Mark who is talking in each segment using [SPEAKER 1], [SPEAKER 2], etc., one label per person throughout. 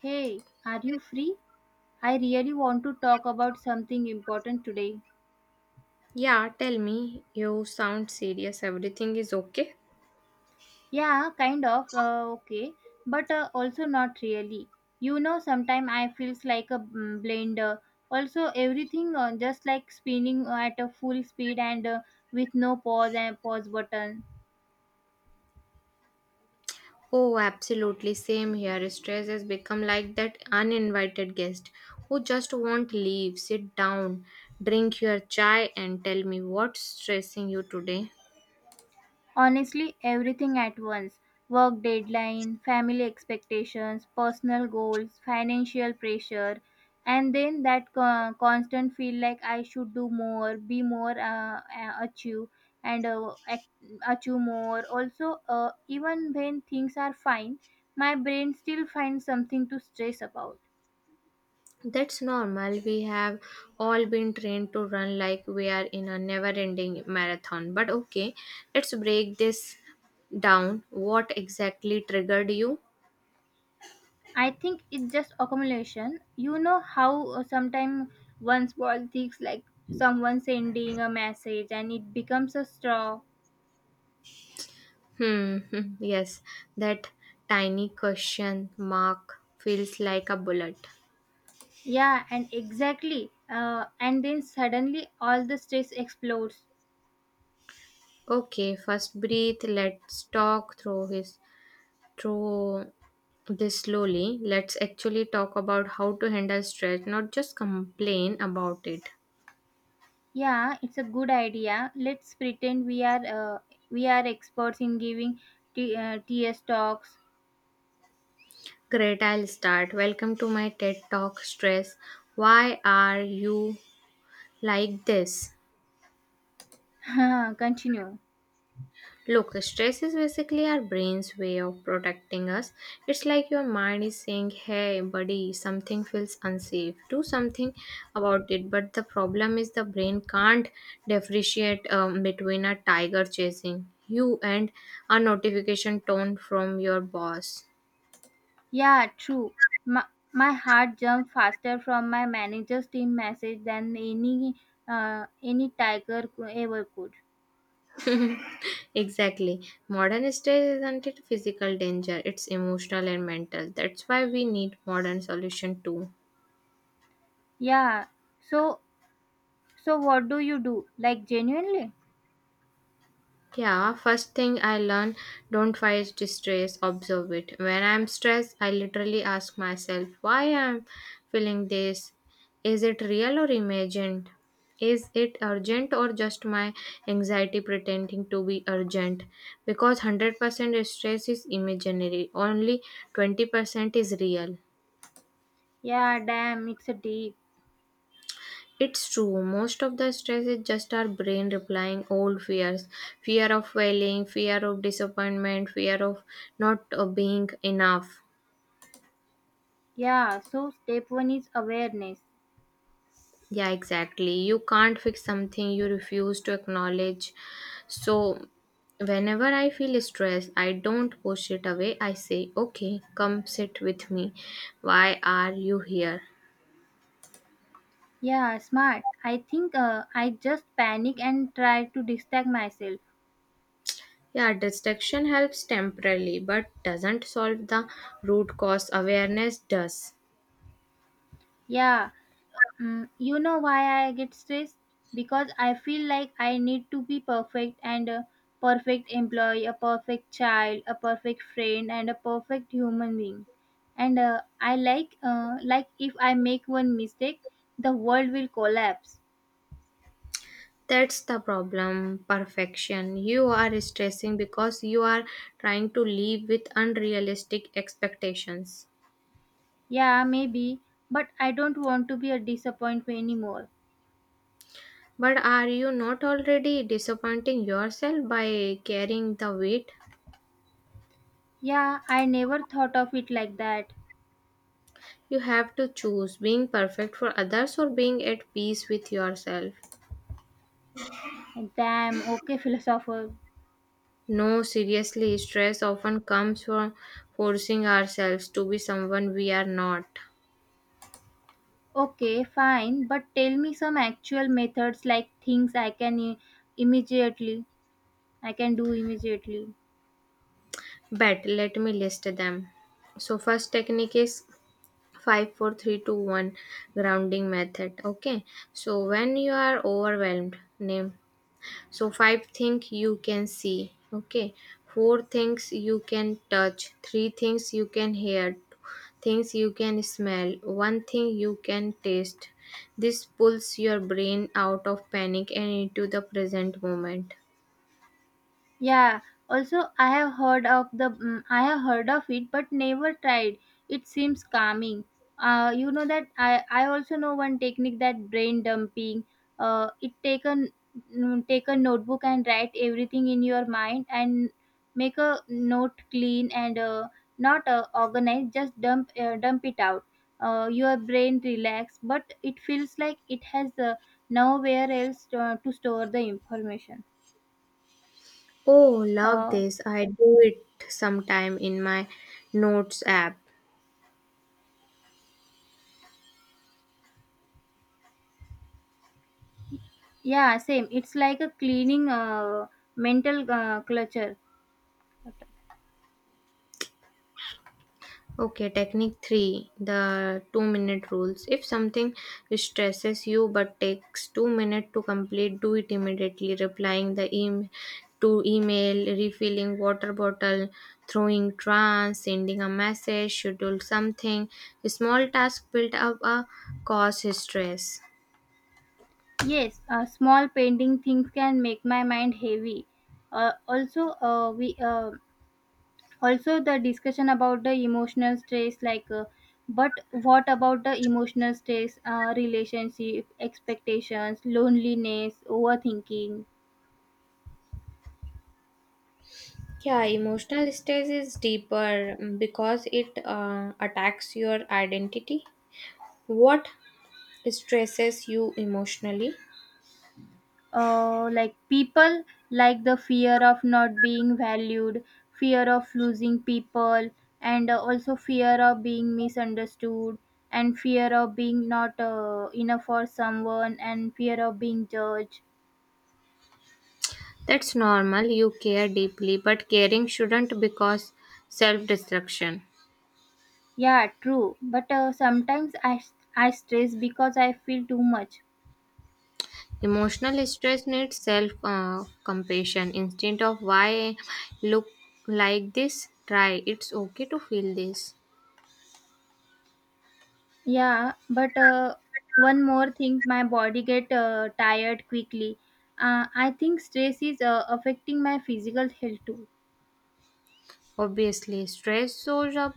[SPEAKER 1] Hey, are you free? I really want to talk about something important today.
[SPEAKER 2] Yeah, tell me, you sound serious. Everything is okay?
[SPEAKER 1] Yeah, kind of. Okay, but also not really. You know, sometimes I feels like a blender. Also, everything just like spinning at a full speed and with no pause button.
[SPEAKER 2] Oh, absolutely. Same here. Stress has become like that uninvited guest who just won't leave. Sit down, drink your chai, and tell me what's stressing you today.
[SPEAKER 1] Honestly, everything at once, work deadline, family expectations, personal goals, financial pressure, and then that constant feel like I should do more, be more, achieve, and achieve more. Also, even when things are fine, my brain still finds something to stress about.
[SPEAKER 2] That's normal. We have all been trained to run like we are in a never ending marathon. But okay, let's break this down. What exactly triggered you?
[SPEAKER 1] I think it's just accumulation. You know how sometimes one small things like someone sending a message and it becomes a straw.
[SPEAKER 2] Hmm, yes, that tiny question mark feels like a bullet.
[SPEAKER 1] Yeah, and exactly. And then suddenly all the stress explodes.
[SPEAKER 2] Okay, first breathe. Let's talk through this slowly. Let's actually talk about how to handle stress, not just complain about it.
[SPEAKER 1] Yeah, it's a good idea. Let's pretend we are experts in giving TS talks.
[SPEAKER 2] Great, I'll start. Welcome to my TED Talk Stress. Why are you like this?
[SPEAKER 1] Continue.
[SPEAKER 2] Look, stress is basically our brain's way of protecting us. It's like your mind is saying, hey, buddy, something feels unsafe. Do something about it. But the problem is the brain can't differentiate between a tiger chasing you and a notification tone from your boss.
[SPEAKER 1] Yeah, true. My, my heart jumped faster from my manager's team message than any ever could.
[SPEAKER 2] Exactly. Modern stress isn't it physical danger, it's emotional and mental. That's why we need modern solution too.
[SPEAKER 1] Yeah. So so what do you do? Like genuinely?
[SPEAKER 2] Yeah, first thing I learn don't fight distress, observe it. When I'm stressed, I literally ask myself why I'm feeling this. Is it real or imagined? Is it urgent or just my anxiety pretending to be urgent? Because 100% stress is imaginary, only 20% is real.
[SPEAKER 1] Yeah, damn, it's a deep.
[SPEAKER 2] It's true. Most of the stress is just our brain replying old fears fear of failing, fear of disappointment, fear of not being enough.
[SPEAKER 1] Yeah, so step 1 is awareness.
[SPEAKER 2] Yeah, exactly. You can't fix something you refuse to acknowledge. So, whenever I feel stress, I don't push it away. I say, okay, come sit with me. Why are you here?
[SPEAKER 1] Yeah, smart. I think I just panic and try to distract myself.
[SPEAKER 2] Yeah, distraction helps temporarily but doesn't solve the root cause. Awareness does.
[SPEAKER 1] Yeah. Mm, you know why I get stressed? Because I feel like I need to be perfect and a perfect employee, a perfect child, a perfect friend, and a perfect human being. And I like if I make one mistake, the world will collapse.
[SPEAKER 2] That's the problem, perfection. You are stressing because you are trying to live with unrealistic expectations.
[SPEAKER 1] Yeah, maybe, but I don't want to be a disappointment anymore.
[SPEAKER 2] But are you not already disappointing yourself by carrying the weight?
[SPEAKER 1] Yeah, I never thought of it like that.
[SPEAKER 2] You have to choose being perfect for others or being at peace with yourself.
[SPEAKER 1] Damn, okay, philosopher.
[SPEAKER 2] No, seriously, stress often comes from forcing ourselves to be someone we are not.
[SPEAKER 1] Okay, fine, but tell me some actual methods like things immediately I can do immediately.
[SPEAKER 2] But let me list them. So, first technique is 5 4 3 2 1 grounding method, okay, so when you are overwhelmed name so five things you can see, okay, four things you can touch, three things you can hear, things you can smell, one thing you can taste. This pulls your brain out of panic and into the present moment.
[SPEAKER 1] Yeah, also I have heard of I have heard of it but never tried. It seems calming. You know that I also know one technique that brain dumping. It take a take a notebook and write everything in your mind and make a note clean and not organized. Just dump it out. Your brain relax, but it feels like it has nowhere else to store the information.
[SPEAKER 2] Oh, love
[SPEAKER 1] Uh,
[SPEAKER 2] this, I do it sometime in my notes app.
[SPEAKER 1] Yeah, same. It's like a cleaning mental clutter.
[SPEAKER 2] Okay, technique three, the 2 minute rules. If something stresses you but takes 2 minutes to complete, do it immediately. Replying the em to email, refilling water bottle, throwing trance, sending a message, schedule something. Small tasks build up a cause stress.
[SPEAKER 1] Yes, small painting things can make my mind heavy. Uh, also, uh, we uh, Also the discussion about the emotional stress, but what about the emotional stress, relationship, expectations, loneliness, overthinking?
[SPEAKER 2] Yeah, emotional stress is deeper because it attacks your identity. What stresses you emotionally?
[SPEAKER 1] Like people, like the fear of not being valued, fear of losing people, and also fear of being misunderstood, and fear of being not enough for someone, and fear of being judged.
[SPEAKER 2] That's normal, you care deeply, but caring shouldn't because self destruction.
[SPEAKER 1] Yeah, true, but sometimes I stress because I feel too much.
[SPEAKER 2] Emotional stress needs self compassion. Instead of why look like this, try it's okay to feel this.
[SPEAKER 1] Yeah, but one more thing, my body get tired quickly. I think stress is affecting my physical health too.
[SPEAKER 2] Obviously, stress shows up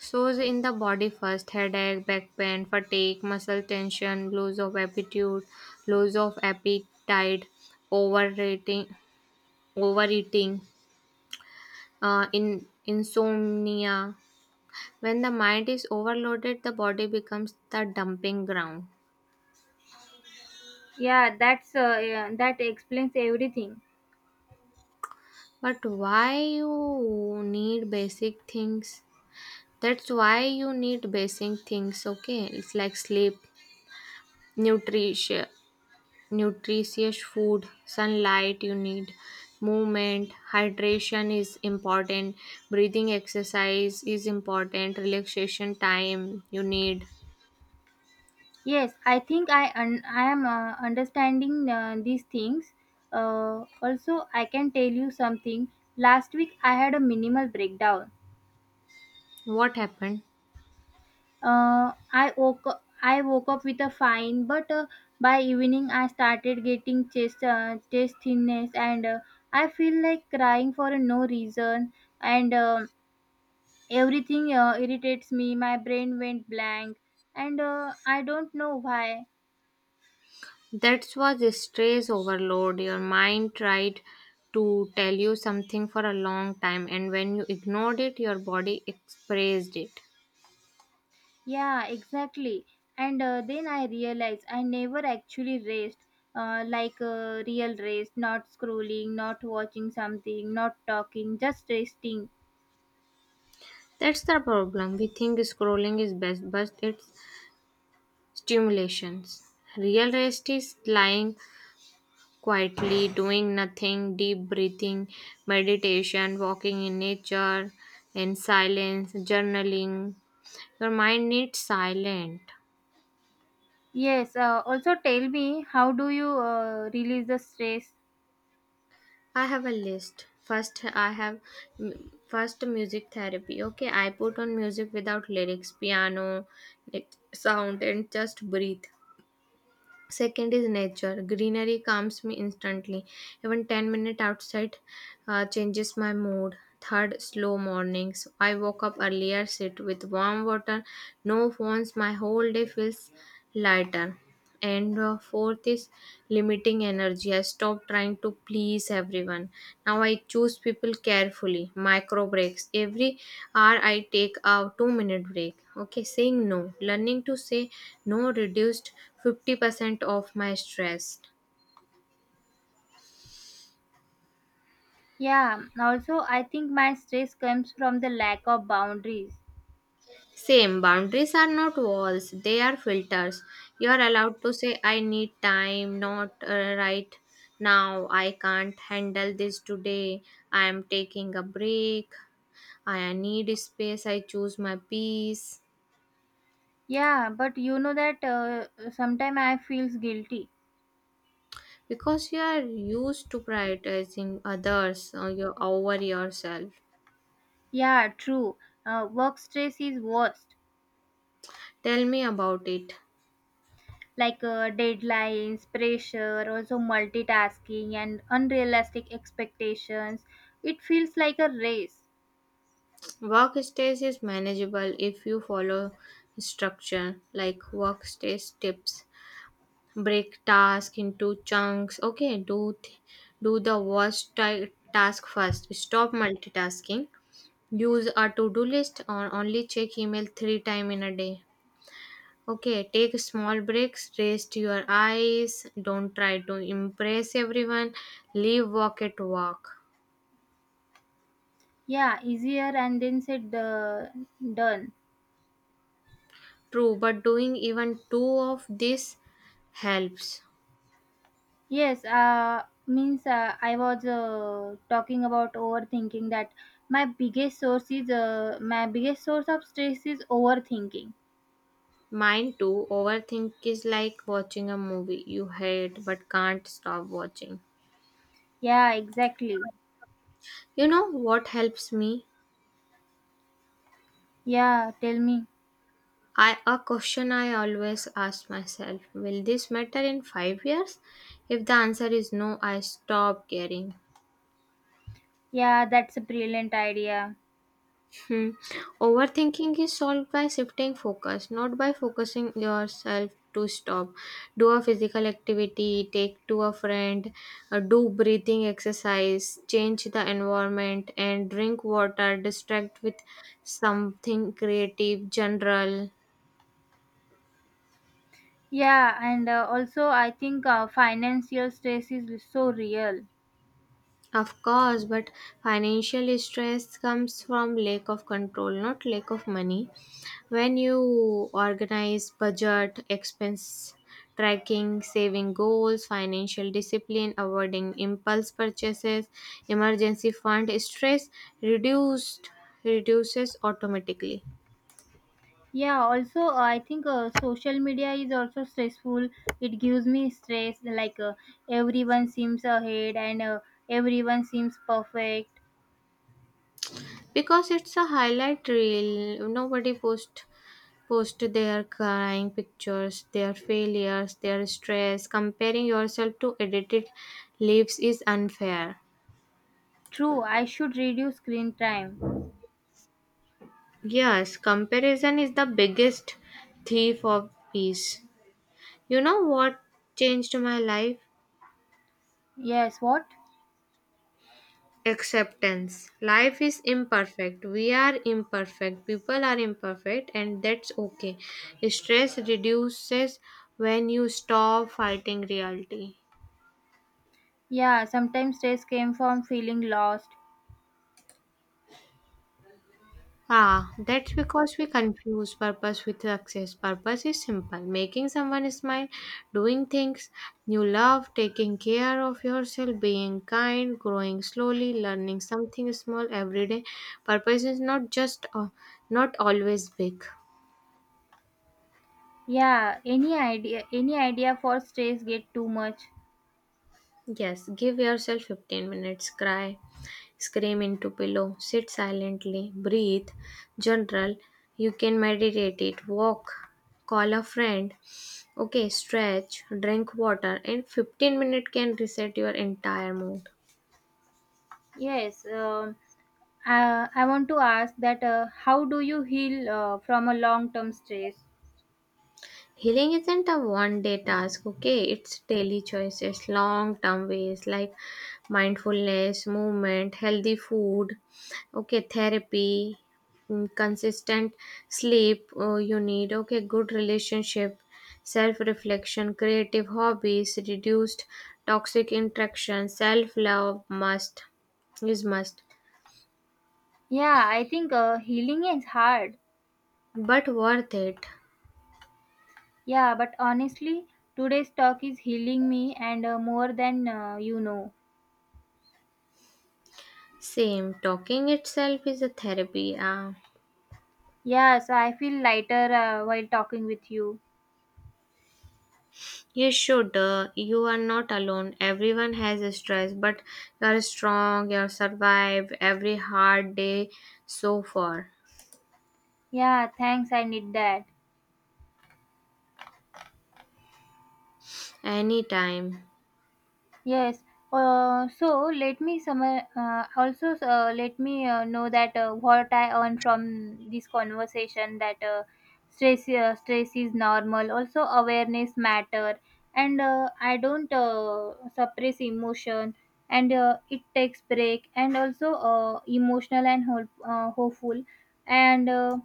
[SPEAKER 2] shows in the body first headache, back pain, fatigue, muscle tension, loss of appetite, overeating, overeating, in insomnia. When the mind is overloaded, the body becomes the dumping ground.
[SPEAKER 1] Yeah, that's yeah, that explains everything.
[SPEAKER 2] But why you need basic things? That's why you need basic things, okay? It's like sleep, nutrition, nutritious food, sunlight you need, movement, hydration is important, breathing exercise is important, relaxation time you need.
[SPEAKER 1] Yes, I think I am understanding these things. Also, I can tell you something. Last week I had a minimal breakdown.
[SPEAKER 2] What happened?
[SPEAKER 1] I woke up with a fine, but by evening I started getting chest thinness, and I feel like crying for no reason, and everything irritates me. My brain went blank and I don't know why.
[SPEAKER 2] That's what the stress overload. Your mind tried to tell you something for a long time, and when you ignored it, your body expressed it.
[SPEAKER 1] Yeah, exactly. And then I realized I never actually raced, like a real race, not scrolling, not watching something, not talking, just resting.
[SPEAKER 2] That's the problem. We think scrolling is best, but it's stimulations. Real rest is lying quietly, doing nothing, deep breathing, meditation, walking in nature, in silence, journaling. Your mind needs silent.
[SPEAKER 1] Yes, also tell me, how do you release the stress?
[SPEAKER 2] I have a list. First, I have first music therapy. Okay, I put on music without lyrics, piano, sound, and just breathe. Second is nature. Greenery calms me instantly. Even 10 minutes outside changes my mood. Third, slow mornings. I woke up earlier, sit with warm water, no phones. My whole day feels lighter, and fourth is limiting energy. I stopped trying to please everyone. Now I choose people carefully. Micro breaks every hour, I take a 2-minute break, okay, saying no. Learning to say no reduced 50% of my stress.
[SPEAKER 1] Yeah, also I think my stress comes from the lack of boundaries.
[SPEAKER 2] Same, boundaries are not walls, they are filters. You are allowed to say I need time, not right now I can't handle this today, I am taking a break, I need space, I choose my peace.
[SPEAKER 1] Yeah, but you know that sometimes I feels guilty.
[SPEAKER 2] Because you are used to prioritizing over yourself.
[SPEAKER 1] Yeah, true. Work stress is worst.
[SPEAKER 2] Tell me about it.
[SPEAKER 1] Like deadlines, pressure, also multitasking, and unrealistic expectations. It feels like a race.
[SPEAKER 2] Workspace is manageable if you follow structure like workspace tips. Break task into chunks. Okay, do the worst task first. Stop multitasking. Use a to-do list, or only check email three times in a day. Okay, take small breaks, rest your eyes, don't try to impress everyone, leave work at work.
[SPEAKER 1] Yeah, easier and then said the done.
[SPEAKER 2] True, but doing even two of this helps.
[SPEAKER 1] Yes, means I was talking about overthinking, that my biggest source of stress is overthinking.
[SPEAKER 2] Mine too, overthink is like watching a movie you hate but can't stop watching.
[SPEAKER 1] Yeah, exactly.
[SPEAKER 2] You know what helps me?
[SPEAKER 1] Yeah, tell me.
[SPEAKER 2] I a question I always ask myself, will this matter in 5 years? If the answer is no, I stop caring.
[SPEAKER 1] Yeah, that's a brilliant idea.
[SPEAKER 2] Hmm. Overthinking is solved by shifting focus, not by focusing yourself to stop. Do a physical activity, take to a friend, do breathing exercise, change the environment, and drink water, distract with something creative, general.
[SPEAKER 1] Yeah, and also I think financial stress is so real.
[SPEAKER 2] Of course, but financial stress comes from lack of control, not lack of money. When you organize budget, expense tracking, saving goals, financial discipline, avoiding impulse purchases, emergency fund, stress reduced reduces automatically.
[SPEAKER 1] Yeah, also I think social media is also stressful. It gives me stress like everyone seems ahead and everyone seems perfect.
[SPEAKER 2] Because it's a highlight reel, nobody post their crying pictures, their failures, their stress. Comparing yourself to edited lives is unfair.
[SPEAKER 1] True, I should reduce screen time.
[SPEAKER 2] Yes, comparison is the biggest thief of peace. You know what changed my life?
[SPEAKER 1] Yes, what?
[SPEAKER 2] Acceptance. Life is imperfect. We are imperfect. People are imperfect, and that's okay. Stress reduces when you stop fighting reality.
[SPEAKER 1] Yeah, sometimes stress came from feeling lost.
[SPEAKER 2] Ah, that's because we confuse purpose with success. Purpose is simple making someone smile, doing things you love, taking care of yourself, being kind, growing slowly, learning something small every day. Purpose is not always big.
[SPEAKER 1] Yeah, any idea for stress get too much.
[SPEAKER 2] Yes, give yourself 15 minutes, cry, scream into pillow, sit silently, breathe, general, you can meditate it, walk, call a friend, okay, stretch, drink water, and 15 minutes can reset your entire mood.
[SPEAKER 1] Yes. I want to ask that, how do you heal from a long term stress?
[SPEAKER 2] Healing isn't a one day task, okay? It's daily choices, long term ways like mindfulness, movement, healthy food, okay, therapy, consistent sleep you need, okay, good relationship, self reflection, creative hobbies, reduced toxic interaction, self love must is must,
[SPEAKER 1] Yeah, I think healing is hard.
[SPEAKER 2] but worth it.
[SPEAKER 1] Yeah, but honestly, today's talk is healing me, and more than you know.
[SPEAKER 2] Same, talking itself is a therapy.
[SPEAKER 1] Yeah, so I feel lighter while talking with you.
[SPEAKER 2] You should. You are not alone. Everyone has a stress, but you're strong. You survived every hard day so far.
[SPEAKER 1] Yeah, thanks, I need that.
[SPEAKER 2] Anytime.
[SPEAKER 1] Yes. Let me know that, what I earn from this conversation, that stress is normal. Also awareness matter, and I don't suppress emotion, and it takes break, and also emotional and hope, hopeful, and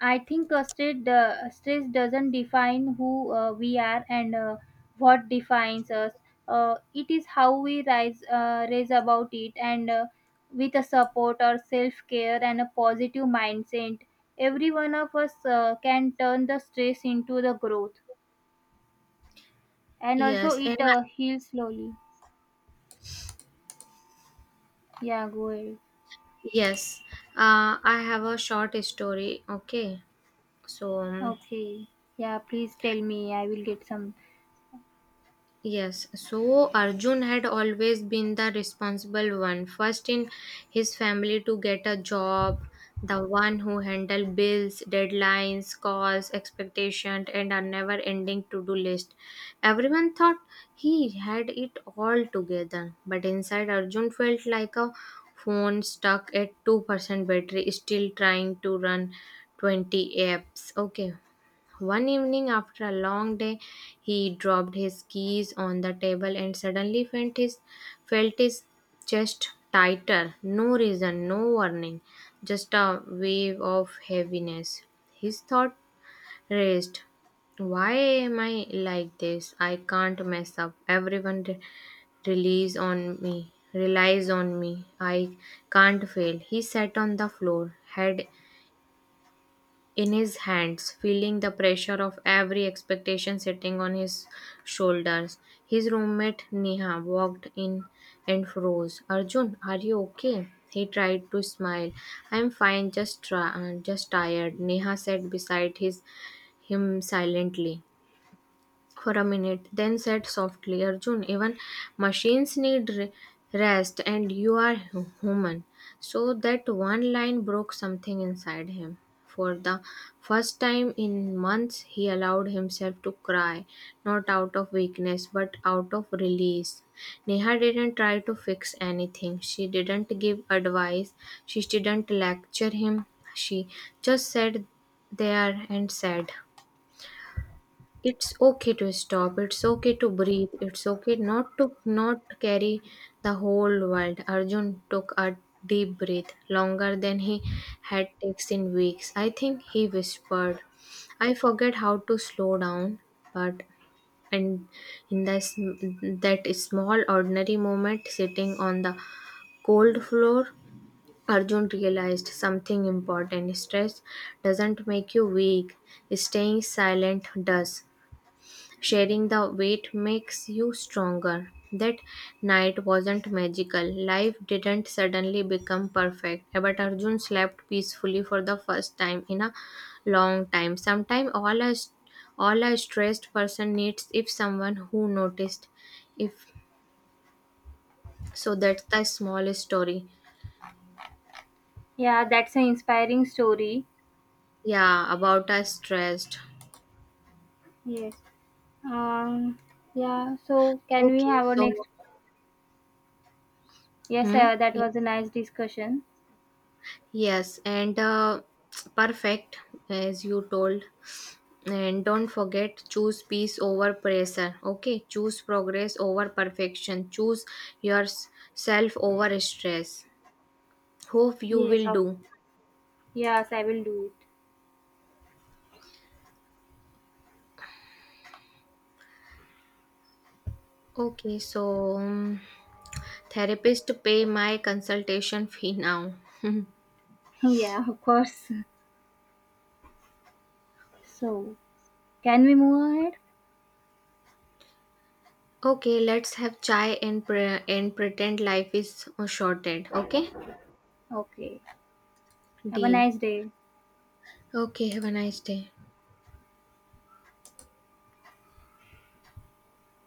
[SPEAKER 1] I think stress doesn't define who we are. And what defines us, it is how we rise raise about it, and with a support or self care and a positive mindset, every one of us can turn the stress into the growth, and also
[SPEAKER 2] Yes. And
[SPEAKER 1] it
[SPEAKER 2] I,
[SPEAKER 1] heals slowly. Yeah, go ahead.
[SPEAKER 2] yes. I have a short story. Okay. So,
[SPEAKER 1] Okay, yeah, please tell me, I will get some.
[SPEAKER 2] yes, so Arjun had always been the responsible one, first in his family to get a job, the one who handled bills, deadlines, calls, expectations, and a never ending to do list. Everyone thought he had it all together, but inside Arjun felt like a phone stuck at 2% battery, still trying to run 20 apps. Okay, one evening, after a long day, he dropped his keys on the table and suddenly felt his chest tighter. No reason, no warning, just a wave of heaviness. His thought raced. Why am I like this? I can't mess up. Everyone relies on me. Relies on me. I can't fail. He sat on the floor, head in his hands, feeling the pressure of every expectation sitting on his shoulders. His roommate Neha walked in and froze. Arjun, are you okay? He tried to smile. I'm fine, just tired. Neha sat beside his him silently for a minute, then said softly, Arjun, even machines rest, and you are human. So that one line broke something inside him. For the first time in months, he allowed himself to cry, not out of weakness, but out of release. Neha didn't try to fix anything. She didn't give advice. She didn't lecture him. She just sat there and said, it's okay to stop. It's okay to breathe. It's okay not carry the whole world. Arjun took a deep breath, longer than he had taken in weeks. I think he whispered, "I forget how to slow down, but." And in that small ordinary moment, sitting on the cold floor, Arjun realized something important. Stress doesn't make you weak, staying silent does. Sharing the weight makes you stronger. That night wasn't magical. Life didn't suddenly become perfect, but Arjun slept peacefully for the first time in a long time. Sometimes all a stressed person needs if someone who noticed. If so, that's the small story.
[SPEAKER 1] Yeah, that's an inspiring story.
[SPEAKER 2] Yeah, about a stressed.
[SPEAKER 1] Yes. Um, yeah, so can we
[SPEAKER 2] Okay,
[SPEAKER 1] have our
[SPEAKER 2] so
[SPEAKER 1] next? Yes,
[SPEAKER 2] hmm,
[SPEAKER 1] that
[SPEAKER 2] yeah.
[SPEAKER 1] was a nice discussion.
[SPEAKER 2] Yes, and perfect as you told. And don't forget, choose peace over pressure. Okay, choose progress over perfection. Choose yourself over stress. Hope you
[SPEAKER 1] Yes
[SPEAKER 2] will
[SPEAKER 1] of.
[SPEAKER 2] do.
[SPEAKER 1] Yes, I will do it.
[SPEAKER 2] Okay, so therapist pay my consultation fee now.
[SPEAKER 1] Yeah, of course. So, can we move ahead?
[SPEAKER 2] okay, let's have chai and pretend life is shorted. Okay,
[SPEAKER 1] Okay. Have a
[SPEAKER 2] deal.
[SPEAKER 1] nice day.
[SPEAKER 2] Okay, have a nice day.